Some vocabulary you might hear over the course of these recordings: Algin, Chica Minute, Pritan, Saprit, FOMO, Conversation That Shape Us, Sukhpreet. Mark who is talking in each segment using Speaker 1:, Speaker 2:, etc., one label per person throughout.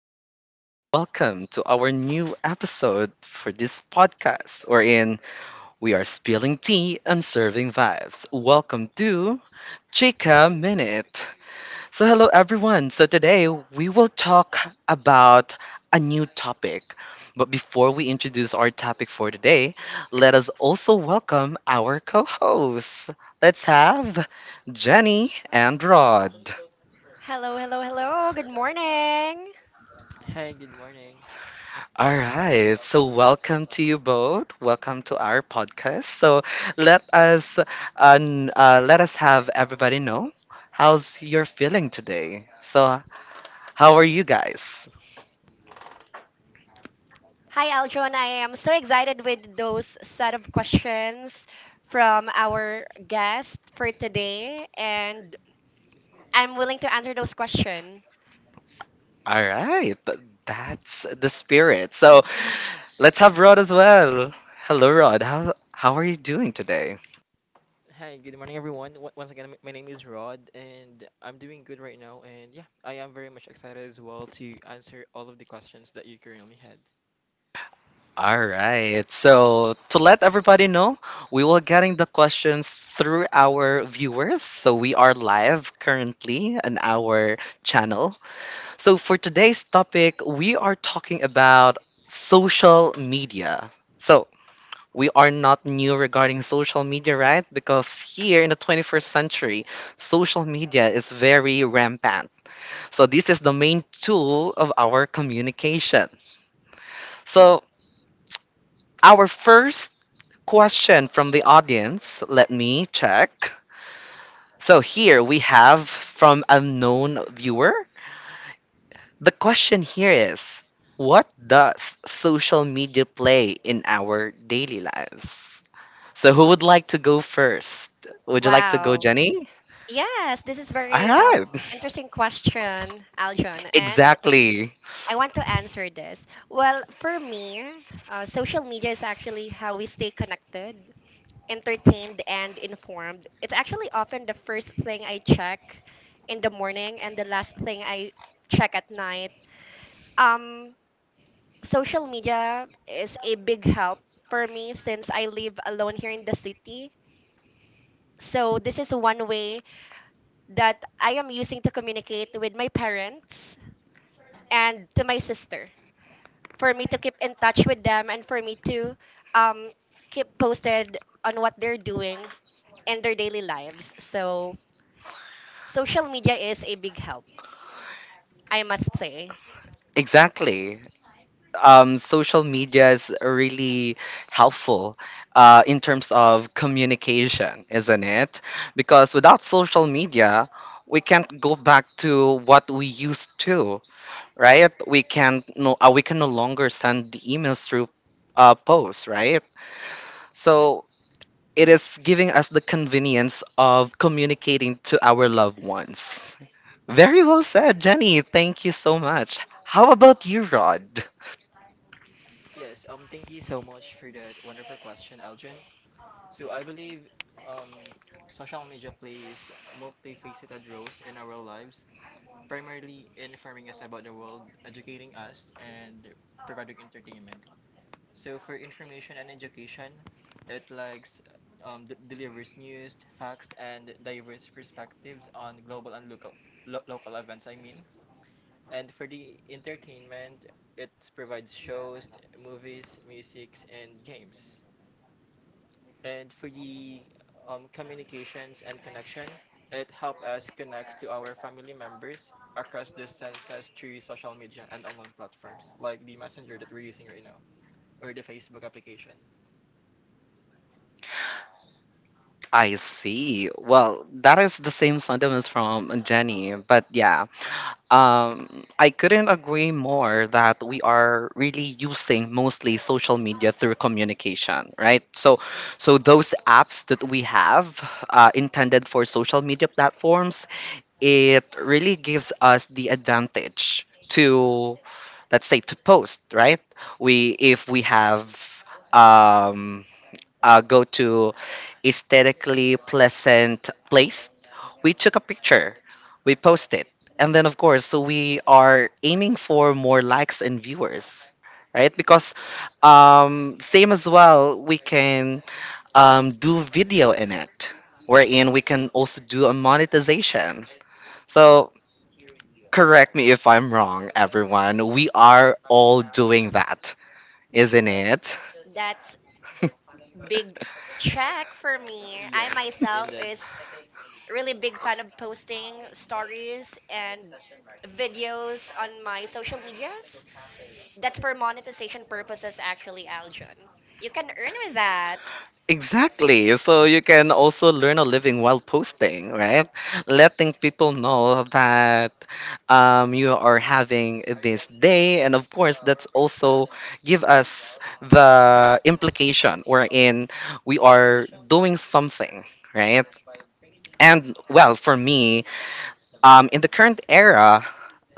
Speaker 1: good morning. Welcome to our new episode for this podcast, wherein we are spilling tea and serving vibes. Welcome to Chica Minute. Hello everyone. Today we will talk about a new topic. But before we introduce our topic for today, let us also welcome our co hosts. Let's have Jenny and Rod.
Speaker 2: Hello, hello, hello. Good morning.
Speaker 3: Hi, good morning.
Speaker 1: All right. So, welcome to you both. Welcome to our podcast. So, let us have everybody know how's your feeling today. So, how are you guys?
Speaker 2: Hi, Aljon. I am so excited with those set of questions from our guest for today, and I'm willing to answer those questions.
Speaker 1: All right. That's the spirit. So, let's have Rod as well. Hello, Rod. How are you doing today?
Speaker 3: Hi, good morning, everyone. Once again, my name is Rod, and I'm doing good right now. And yeah, I am very much excited as well to answer all of the questions that you currently had.
Speaker 1: All right. So to let everybody know, we will getting the questions through our viewers. So we are live currently on our channel. So for today's topic, we are talking about social media. So we are not new regarding social media, right? Because here in the 21st century, social media is very rampant. So this is the main tool of our communication. So our first Question from the audience. Let me check. So here we have from unknown viewer. The question here is what does social media play in our daily lives? So who would like to go first? Would you like to go,
Speaker 2: Wow.
Speaker 1: Jenny?
Speaker 2: Yes, this is
Speaker 1: All
Speaker 2: very
Speaker 1: right.
Speaker 2: interesting question, Aljon, and
Speaker 1: Exactly.
Speaker 2: I want to answer this. Well, for me, social media is actually how we stay connected, entertained and informed. It's actually often the first thing I check in the morning and the last thing I check at night. Um, social media is a big help for me since I live alone here in the city. So this is one way that I am using to communicate with my parents and to my sister for me to keep in touch with them and for me to um, keep posted on what they're doing in their daily lives. So social media is a big help, I must say.
Speaker 1: Exactly. Social media is really helpful in terms of communication, isn't it? Because without social media, we can't go back to what we used to, right? We can no longer send emails through posts, right? So it is giving us the convenience of communicating to our loved ones. Very well said, Jenny. Thank you so much. How about you, Rod?
Speaker 3: Yes, Thank you so much for that wonderful question, Algin. So I believe um, social media plays multifaceted roles in our lives, primarily informing us about the world, educating us, and providing entertainment. So for information and education, it likes delivers news, facts, and diverse perspectives on global and local local events. And for the entertainment, it provides shows, movies, musics, and games. And for the communications and connection, it helps us connect to our family members across distances through social media and online platforms like the messenger that we're using right now or the Facebook application.
Speaker 1: I see. Well, that is the same sentiments from Jenny. But yeah, I couldn't agree more that we are really using mostly social media through communication, right? So those apps that we have intended for social media platforms, it really gives us the advantage to, let's say, to post, right? We if we have. Um, Go to aesthetically pleasant place, we took a picture, we post it, and then of course, so we are aiming for more likes and viewers, right? Because same as well, we can do video in it, wherein we can also do a monetization. So correct me if I'm wrong, everyone. We are all doing that, isn't it?
Speaker 2: That's big check for me. I
Speaker 3: Yes,
Speaker 2: myself
Speaker 3: indeed.
Speaker 2: is really big fan of posting stories and videos on my social medias. That's for monetization purposes actually, Aljon. You can earn with that.
Speaker 1: Exactly. So you can also learn a living while posting, right? Letting people know that you are having this day. And of course, that's also give us the implication wherein we are doing something, right? And well, for me, in the current era,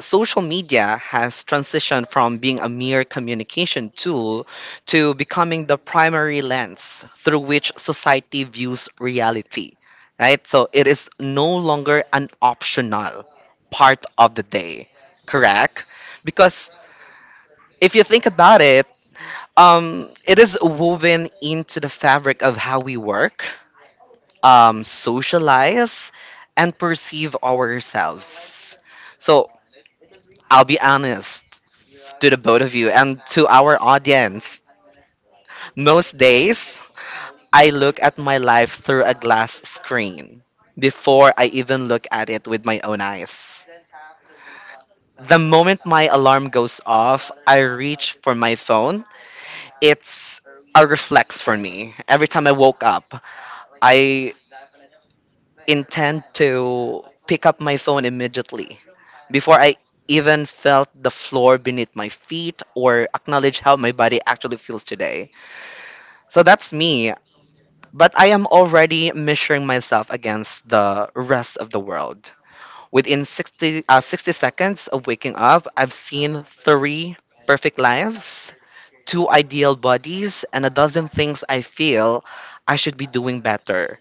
Speaker 1: social media has transitioned from being a mere communication tool to becoming the primary lens through which society views reality, right? So it is no longer an optional part of the day, correct? Because if you think about it, it is woven into the fabric of how we work socialize, and perceive ourselves. So I'll be honest to the both of you and to our audience. Most days, I look at my life through a glass screen before I even look at it with my own eyes. The moment my alarm goes off, I reach for my phone. It's a reflex for me. Every time I woke up, I intend to pick up my phone immediately before I even felt the floor beneath my feet or acknowledge how my body actually feels today. So that's me, but I am already measuring myself against the rest of the world. Within 60 seconds of waking up, I've seen three perfect lives, two ideal bodies, and a dozen things I feel I should be doing better.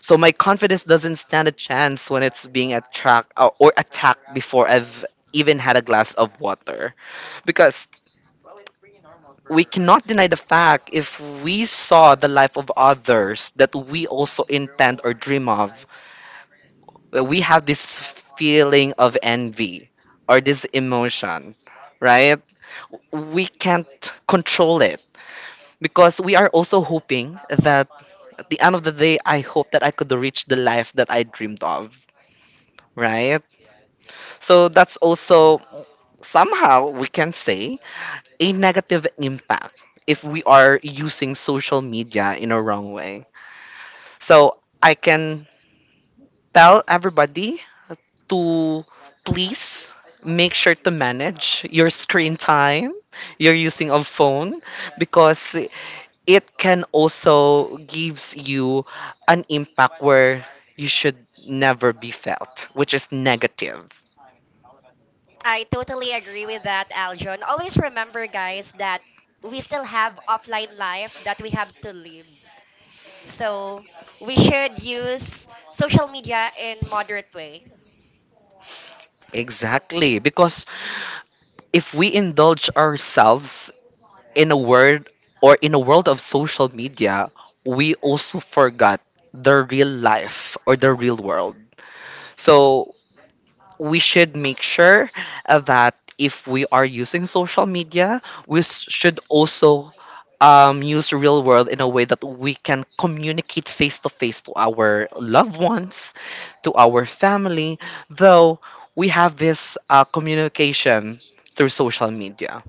Speaker 1: So my confidence doesn't stand a chance when it's being attract or attacked before I've even had a glass of water. Because we cannot deny the fact if we saw the life of others that we also intend or dream of, that we have this feeling of envy or this emotion, right? We can't control it because we are also hoping that at the end of the day, I hope that I could reach the life that I dreamed of, right? So that's also somehow we can say a negative impact if we are using social media in a wrong way. So I can tell everybody to please make sure to manage your screen time your using of phone because it can also gives you an impact where you should never be felt which is negative
Speaker 2: I totally agree with that, Aljon. Always remember guys that we still have offline life that we have to live. So we should use social media in moderate way.
Speaker 1: exactly because if we indulge ourselves in a word or in a world of social media we also forgot the real life or the real world so we should make sure that if we are using social media, we should also use real world in a way that we can communicate face to face to our loved ones, to our family, though we have this communication through social media.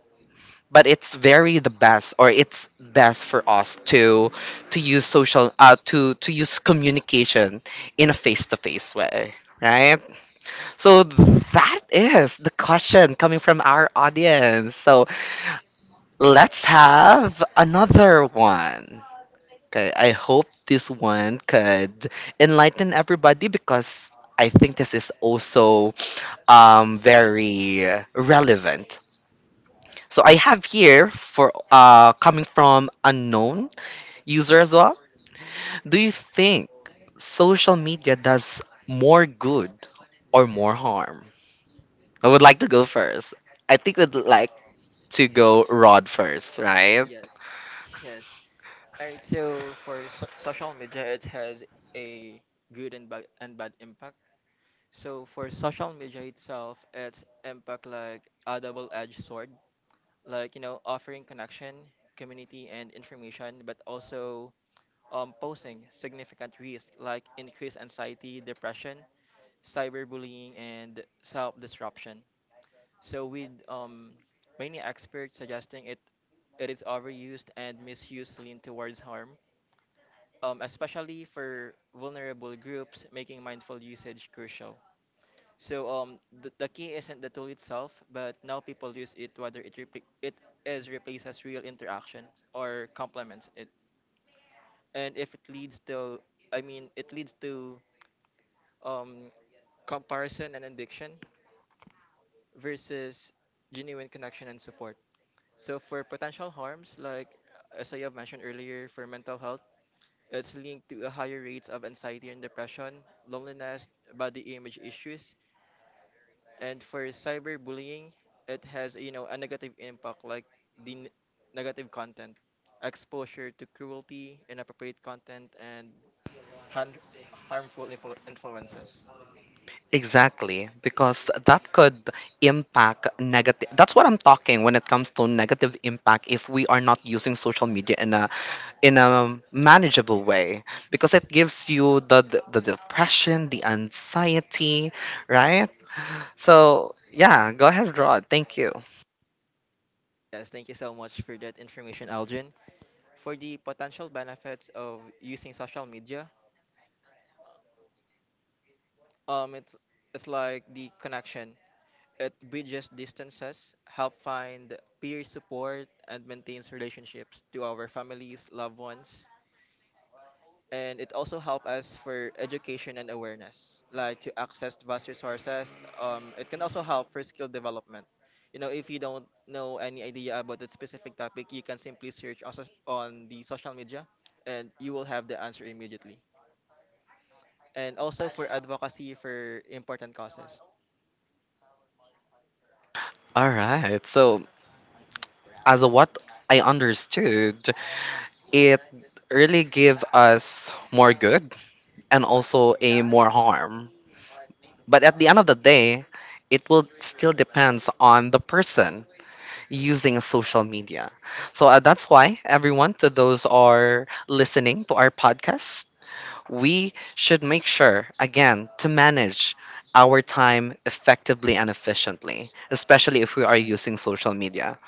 Speaker 1: But it's very the best, or It's best for us to use communication in a face to face way, right? So that is the question coming from our audience. So let's have another one. Okay, I hope this one could enlighten everybody because I think this is also very relevant. So I have here for coming from unknown user as well. Do you think social media does more good or more harm? I would like to go first. I think we'd like to go Rod first, right?
Speaker 3: Yes, yes. All right. So social media, it has a good and bad impact. So for social media itself, its impact like a double-edged sword, like you know, offering connection, community, and information, but also posing significant risk like increased anxiety, depression, cyberbullying, and self-disruption. So with many experts suggesting it, it is overused and misused lean towards harm, especially for vulnerable groups, making mindful usage crucial. So the key isn't the tool itself, but now people use it whether it is replaces real interactions or complements it, and if it leads to um, comparison and addiction versus genuine connection and support. So for potential harms, like as I have mentioned earlier, for mental health, it's linked to a higher rates of anxiety and depression, loneliness, body image issues, and for cyberbullying, it has you know a negative impact like the n- negative content, exposure to cruelty, inappropriate content, and han- harmful influences.
Speaker 1: Exactly, because that could impact negative. That's what I'm talking when it comes to negative impact if we are not using social media in a manageable way, because it gives you the depression, the anxiety, right? So yeah, go ahead, Rod. Thank you.
Speaker 3: Yes, thank you so much for that information, Algin. For the potential benefits of using social media, Um, it's it's like the connection. It bridges distances, help find peer support, and maintains relationships to our families, loved ones, and it also help us for education and awareness, like to access vast resources. It can also help for skill development. You know, if you don't know any idea about a specific topic, you can simply search also on the social media, and you will have the answer immediately. And also for advocacy for important causes.
Speaker 1: All right. So as a what I understood, it really give us more good and also a more harm but at the end of the day it will still depends on the person using social media so that's why everyone to those are listening to our podcast we should make sure again to manage our time effectively and efficiently especially if we are using social media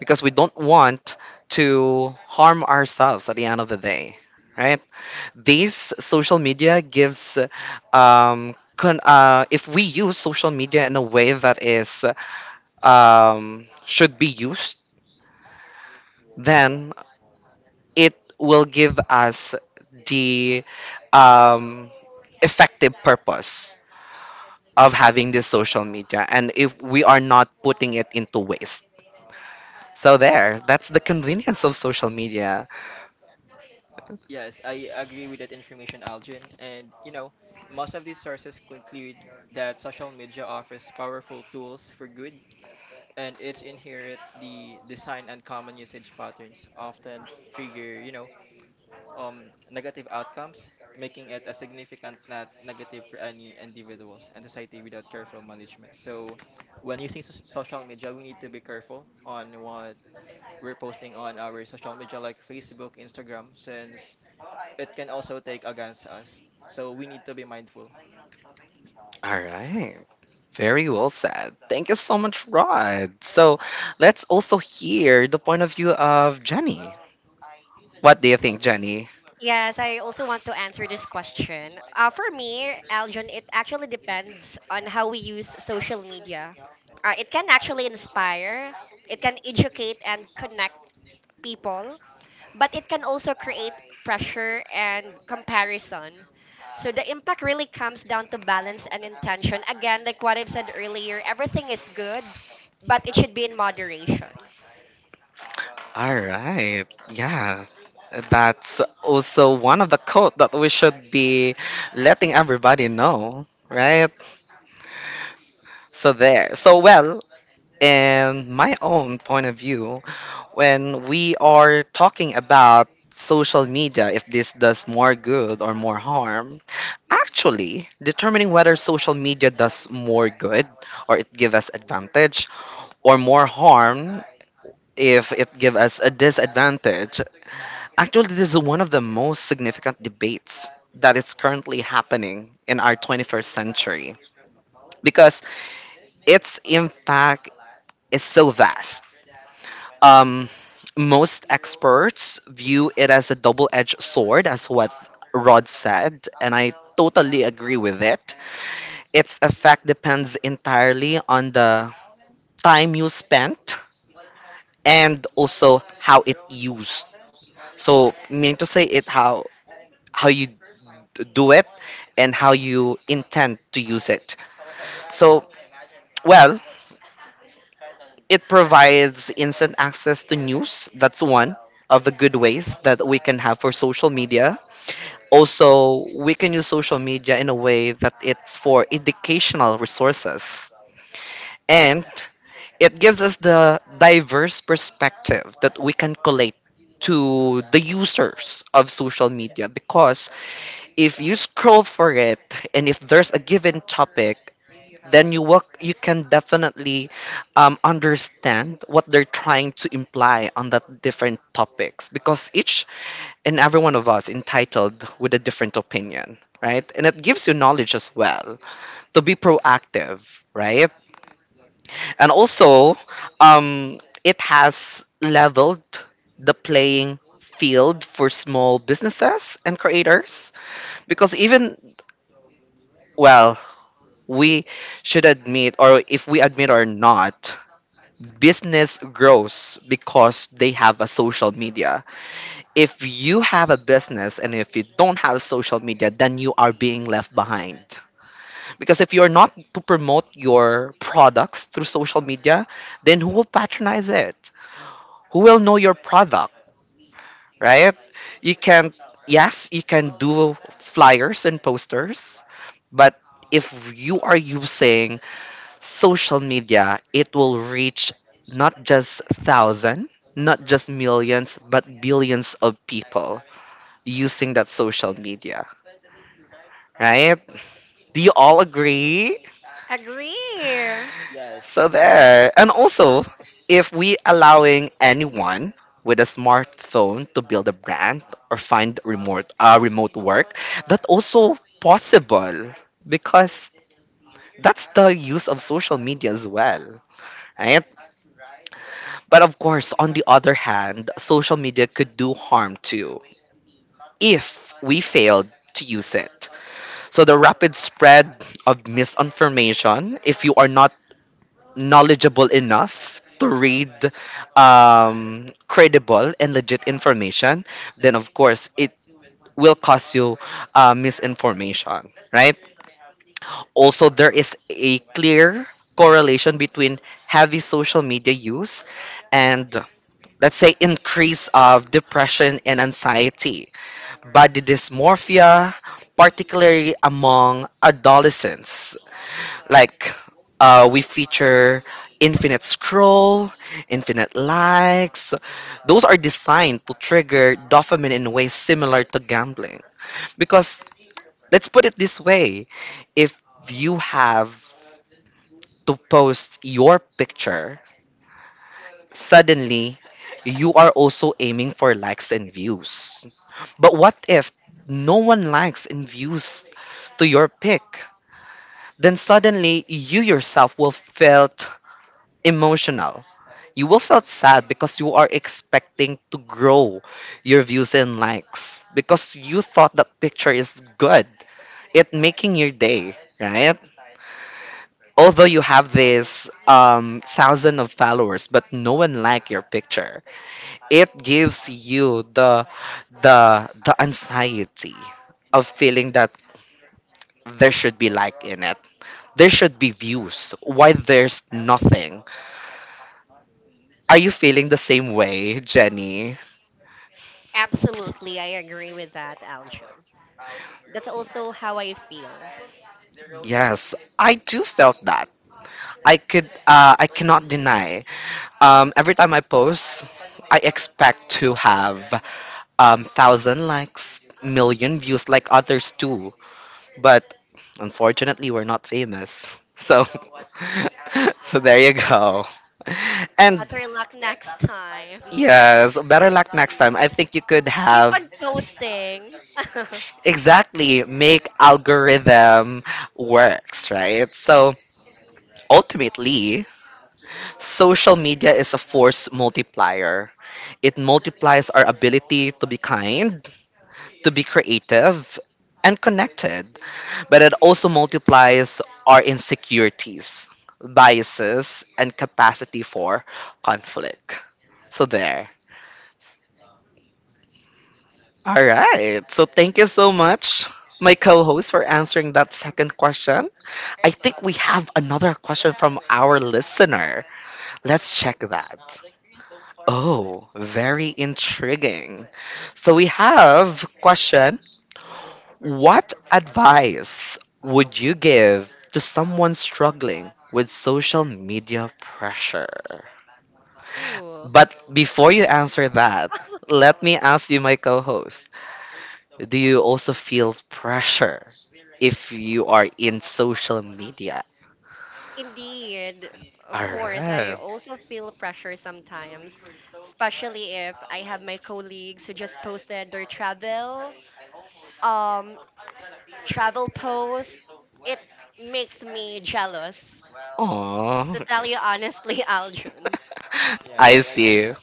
Speaker 1: because we don't want to harm ourselves at the end of the day right these social media gives if we use social media in a way that is should be used then it will give us the um effective purpose of having this social media and if we are not putting it into waste so there that's the convenience of social media.
Speaker 3: Yes, I agree with that information, Algin. And, you know, most of these sources conclude that social media offers powerful tools for good, and its inherent the design and common usage patterns often trigger, you know, negative outcomes, making it a significant net negative for any individuals and society without careful management. So, when using social media, we need to be careful on what we're posting on our social media like Facebook, Instagram, since it can also take against us. So we need to be mindful.
Speaker 1: All right. Very well said. Thank you so much, Rod. So let's also hear the point of view of Jenny. What do you think, Jenny?
Speaker 2: Yes, I also want to answer this question. For me, Aljon, it actually depends on how we use social media. It can actually inspire, it can educate and connect people, but it can also create pressure and comparison. So the impact really comes down to balance and intention. Again, like what I've said earlier, everything is good, but it should be in moderation.
Speaker 1: All right. Yeah. That's also one of the code that we should be letting everybody know, right? So there. So well, in my own point of view, when we are talking about social media, if this does more good or more harm, actually determining whether social media does more good or it give us advantage or more harm if it give us a disadvantage actually this is one of the most significant debates that is currently happening in our 21st century because its impact is so vast um, most experts view it as a double edged sword, as what Rod said, and I totally agree with it. Its effect depends entirely on the time you spent and also how it used. So, meaning to say, it how you do it and how you intend to use it. So, well, It provides instant access to news. That's one of the good ways that we can have for social media. Also, we can use social media in a way that it's for educational resources. And it gives us the diverse perspective that we can collate to the users of social media because if you scroll for it and if there's a given topic then you can definitely understand what they're trying to imply on that different topics because each and every one of us entitled with a different opinion right and it gives you knowledge as well to be proactive right and also um, it has leveled the playing field for small businesses and creators because even well we should admit or if we admit or not business grows because they have a social media. If you have a business and if you don't have social media, then you are being left behind. Because if you're not to promote your products through social media, then who will patronize it? Who will know your product, right? You can, yes, you can do flyers and posters, but if you are using social media, it will reach not just thousand, not just millions, but billions of people using that social media, right? Do you all agree?
Speaker 2: Agree.
Speaker 1: So
Speaker 3: Yes.
Speaker 1: there. And also, if we allowing anyone with a smartphone to build a brand or find remote remote work, that also possible because that's the use of social media as well, right? But of course, on the other hand, social media could do harm too if we failed to use it. So the rapid spread of misinformation, if you are not knowledgeable enough to read credible and legit information, then of course it will cause you misinformation, right? Also, there is a clear correlation between heavy social media use and, let's say, increase of depression and anxiety, body dysmorphia, particularly among adolescents. Like we feature infinite scroll, infinite likes. Those are designed to trigger dopamine in ways similar to gambling. Because, let's put it this way, if you have to post your picture. Suddenly, you are also aiming for likes and views. But what if no one likes and views to your pic? Then suddenly you yourself will felt emotional. You will felt sad because you are expecting to grow your views and likes because you thought that picture is good. It making your day, right? Although you have this thousand of followers, but no one like your picture, it gives you the the anxiety of feeling that there should be like in it, there should be views, why there's nothing. Are you feeling the same way, Jenny?
Speaker 2: Absolutely, I agree with that, Aljun. That's also how I feel.
Speaker 1: Yes, I do felt that. I could I cannot deny, every time I post, I expect to have thousand likes, million views like others do. But unfortunately, we're not famous. So, so there you go. And
Speaker 2: Better luck next time.
Speaker 1: yes, better luck next time. I think you could
Speaker 2: Keep
Speaker 1: have
Speaker 2: on posting.
Speaker 1: exactly make algorithm works, right? So ultimately, social media is a force multiplier. It multiplies our ability to be kind, to be creative, and connected. But it also multiplies our insecurities, biases, and capacity for conflict. So, there. All right. So, thank you so much, my co host, for answering that second question. I think we have another question from our listener. Let's check that. Oh, very intriguing. So we have question: what advice would you give to someone struggling with social media pressure?
Speaker 2: Ooh,
Speaker 1: But before you answer that, let me ask you, my co host, do you also feel pressure if you are in social media?
Speaker 2: indeed. Of course,
Speaker 3: Yes.
Speaker 2: I
Speaker 1: Alright.
Speaker 2: also feel pressure sometimes, especially if I have my colleagues who just posted their travel, um, travel post. It makes me jealous.
Speaker 1: Aww.
Speaker 2: To tell you honestly, Aljun.
Speaker 3: Yes,
Speaker 1: I
Speaker 3: I agree.
Speaker 1: see. All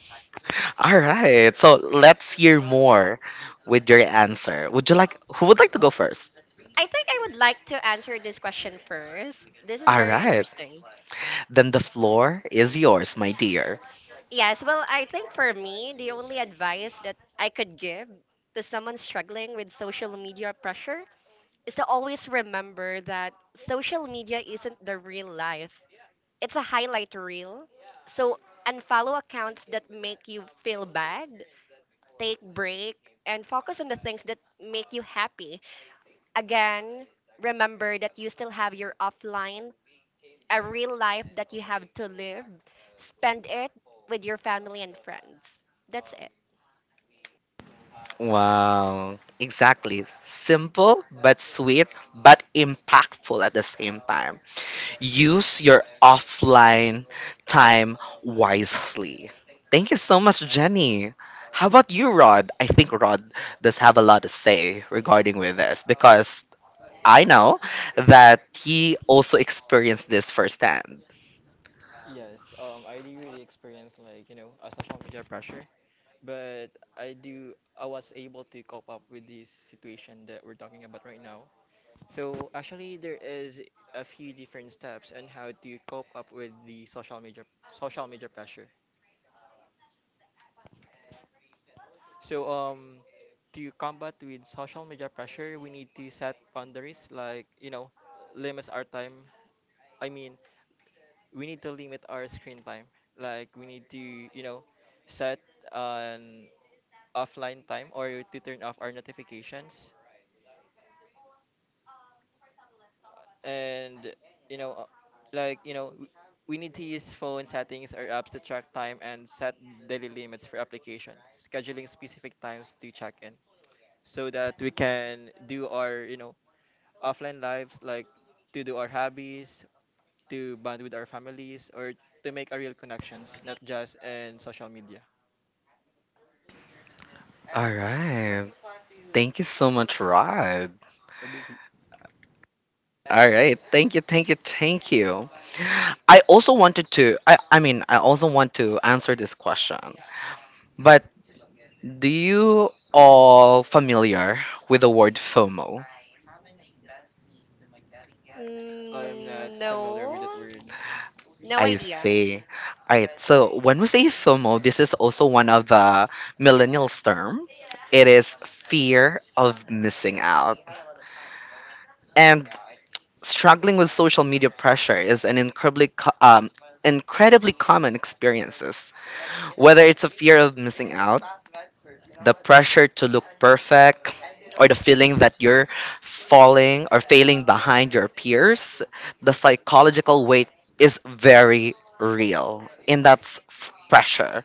Speaker 1: right. So let's hear more with your answer. Would you like, who would like to go first?
Speaker 2: I think I would like to answer this question first. This is
Speaker 1: All
Speaker 2: very
Speaker 1: right.
Speaker 2: interesting.
Speaker 1: Then the floor is yours, my dear.
Speaker 2: Yes, well, I think for me, the only advice that I could give to someone struggling with social media pressure is to always remember that social media isn't the real life, it's a highlight reel. So, unfollow accounts that make you feel bad, take break, and focus on the things that make you happy. Again, remember that you still have your offline, a real life that you have to live. Spend it with your family and friends. That's it.
Speaker 1: Wow. Exactly. Simple but sweet, but impactful at the same time. Use your offline time wisely. Thank you so much, Jenny. How about you, Rod? I think Rod does have a lot to say regarding with this because I know that he also experienced this firsthand.
Speaker 3: Yes, I do really experience like you know a social media pressure, but I was able to cope up with this situation that we're talking about right now. So actually, there is a few different steps on how to cope up with the social media pressure. So to combat with social media pressure, we need to set boundaries like, you know, limits our time. I mean, we need to limit our screen time. Like we need to, you know, set an offline time or to turn off our notifications and you know uh, like you know w- we need to use phone settings or apps to track time and set daily limits for applications. Scheduling specific times to check in so that we can do our you know offline lives, like to do our hobbies, to bond with our families, or to make our real connections, not just in social media.
Speaker 1: All right. Thank you so much, Rod. All right. Thank you, thank you, thank you. I also wanted to I also want to answer this question. But do you all familiar with the word FOMO?
Speaker 3: I am
Speaker 2: Mm,
Speaker 3: not familiar
Speaker 2: no,
Speaker 3: with that word.
Speaker 2: no
Speaker 1: I
Speaker 2: idea.
Speaker 1: see. All right. So when we say FOMO, this is also one of the millennials term. It is fear of missing out. And struggling with social media pressure is an incredibly incredibly common experiences. Whether it's a fear of missing out, the pressure to look perfect, or the feeling that you're falling or failing behind your peers, the psychological weight is very real, and that's pressure.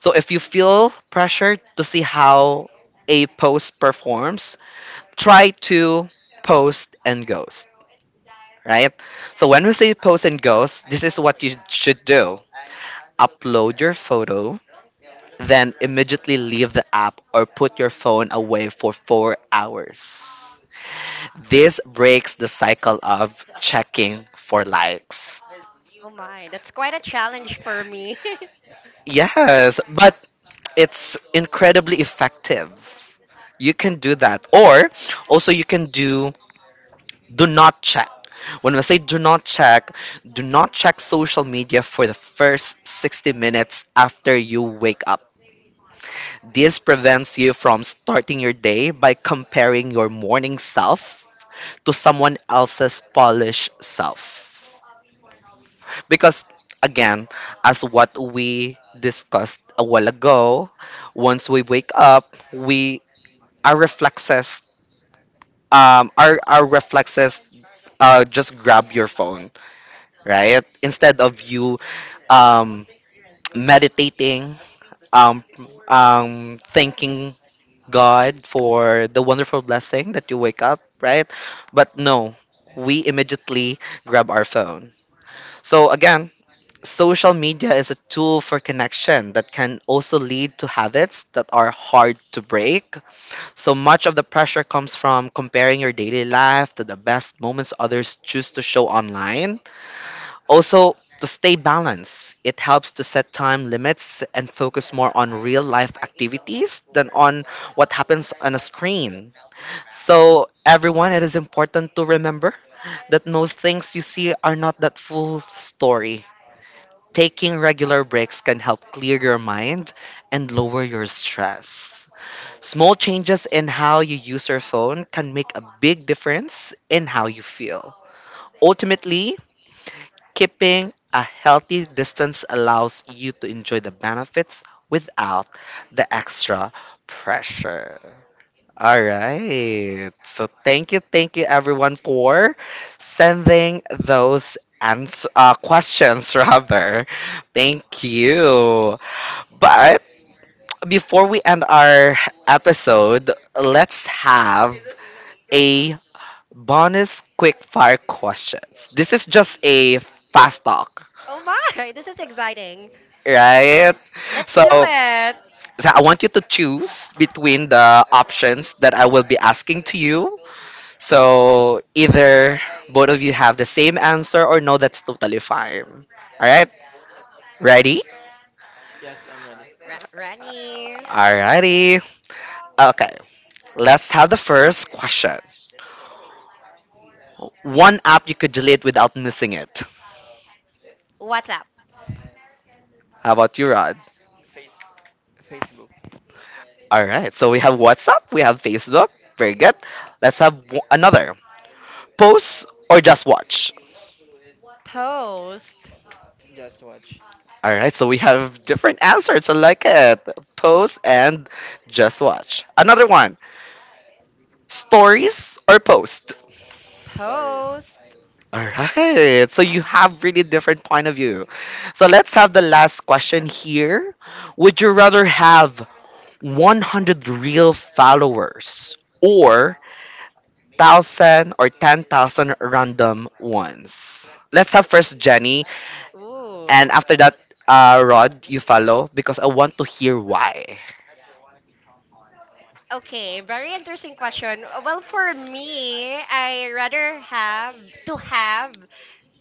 Speaker 1: So if you feel pressure to see how a post performs, try to post and ghost, right? So when we say post and ghost, this is what you should do: upload your photo, then immediately leave the app or put your phone away for 4 hours. This breaks the cycle of checking for likes.
Speaker 2: Oh my, that's quite a challenge for me.
Speaker 1: Yes, but it's incredibly effective. You can do that. Or also you can do do not check. When I say do not check social media for the first 60 minutes after you wake up. This prevents you from starting your day by comparing your morning self to someone else's polished self. Because again, as what we discussed a while ago, once we wake up, we our reflexes our reflexes just grab your phone, right? Instead of you um, meditating, um, thanking God for the wonderful blessing that you wake up, right? But no, we immediately grab our phone. So again, social media is a tool for connection that can also lead to habits that are hard to break. So much of the pressure comes from comparing your daily life to the best moments others choose to show online. Also, to stay balanced, it helps to set time limits and focus more on real life activities than on what happens on a screen. So, everyone, it is important to remember that most things you see are not that full story. Taking regular breaks can help clear your mind and lower your stress. Small changes in how you use your phone can make a big difference in how you feel. Ultimately, keeping a healthy distance allows you to enjoy the benefits without the extra pressure. All right. So thank you everyone for sending those questions rather. Thank you. But before we end our episode, let's have a bonus quick fire questions. This is just a fast talk,
Speaker 2: oh my, this is exciting.
Speaker 1: right?
Speaker 3: Hey,
Speaker 2: Let's
Speaker 1: So,
Speaker 2: do it.
Speaker 1: so I want you to choose between the options that I will be asking to you. So either both of you have the same answer or no, that's totally fine. All right, ready?
Speaker 3: yes, I'm ready.
Speaker 2: Ra- Rani,
Speaker 1: Alrighty. Okay, let's have the first question. One app you could delete without missing it.
Speaker 2: what's up?
Speaker 1: How about you, Rod?
Speaker 3: Facebook,
Speaker 1: All right. So we have WhatsApp, we have Facebook. Very good. Let's have another. Post or just watch?
Speaker 2: Post.
Speaker 3: just watch,
Speaker 1: All right. So we have different answers. I like it. Post and just watch. Another one. Stories or post?
Speaker 3: stories.
Speaker 2: Post.
Speaker 1: All right. So you have really different point of view. So let's have the last question here. Would you rather have 100 real followers or 1,000 or 10,000 random ones. Let's have first Jenny, and
Speaker 2: Ooh.
Speaker 1: after that, Rod, you follow because I want to hear why.
Speaker 2: Okay, very interesting question. Well, for me, I rather have to have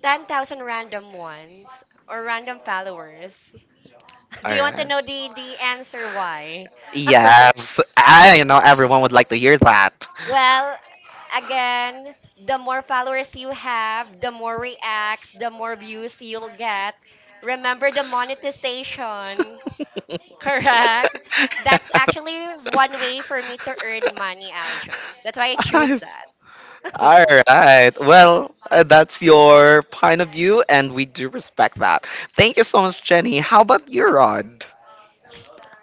Speaker 2: 10,000 random ones or random followers.
Speaker 1: All
Speaker 2: Do you want to
Speaker 1: right.
Speaker 2: know the answer why?
Speaker 1: Yes, I know everyone would like to hear that.
Speaker 2: well, again, the more followers you have, the more reacts, the more views you'll get. Remember the monetization, correct? That's actually one way for me to earn money, Aljon. That's why I choose that.
Speaker 1: All right. Well, that's your point of view, and we do respect that. Thank you so much, Jenny. How about you, Rod?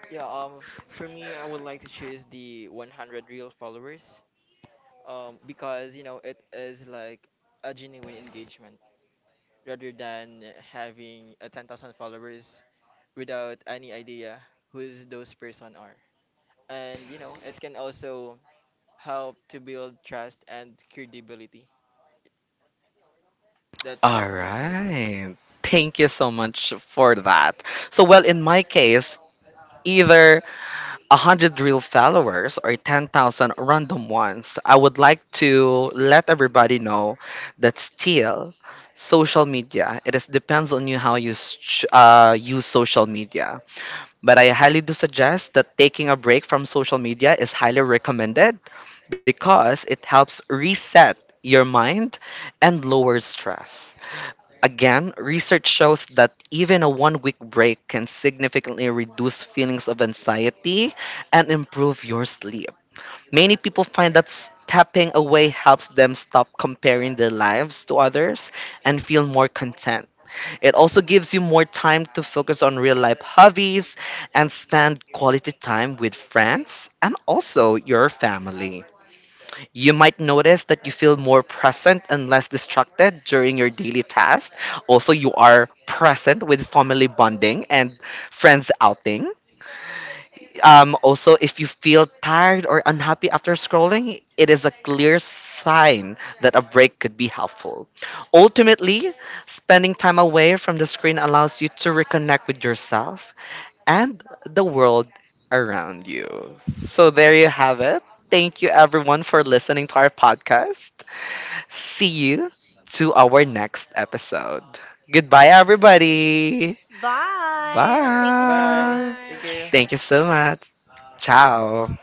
Speaker 3: Yeah, for me, I would like to choose the 100 real followers, because you know it is like a genuine engagement rather than having a 10,000 followers without any idea who's those person are. And you know it can also help to build trust and credibility. That's all
Speaker 1: All
Speaker 3: for my take.
Speaker 1: right. Thank you so much for that. So, well, in my case, either 100 real followers or 10,000 random ones, I would like to let everybody know that still social media, it is depends on you how you use social media. But I highly do suggest that taking a break from social media is highly recommended because it helps reset your mind and lower stress. Again, research shows that even a 1 week break can significantly reduce feelings of anxiety and improve your sleep. Many people find that stepping away helps them stop comparing their lives to others and feel more content. It also gives you more time to focus on real life hobbies and spend quality time with friends and also your family. You might notice that you feel more present and less distracted during your daily tasks. Also, you are present with family bonding and friends outing. Also, if you feel tired or unhappy after scrolling, it is a clear sign that a break could be helpful. Ultimately, spending time away from the screen allows you to reconnect with yourself and the world around you. So there you have it. Thank you everyone for listening to our podcast. See you to our next episode. Goodbye everybody.
Speaker 3: All
Speaker 2: Bye.
Speaker 3: right,
Speaker 2: Thank you so
Speaker 3: bye.
Speaker 1: Bye.
Speaker 3: Thank you.
Speaker 2: much.
Speaker 1: Thank you so much. Ciao.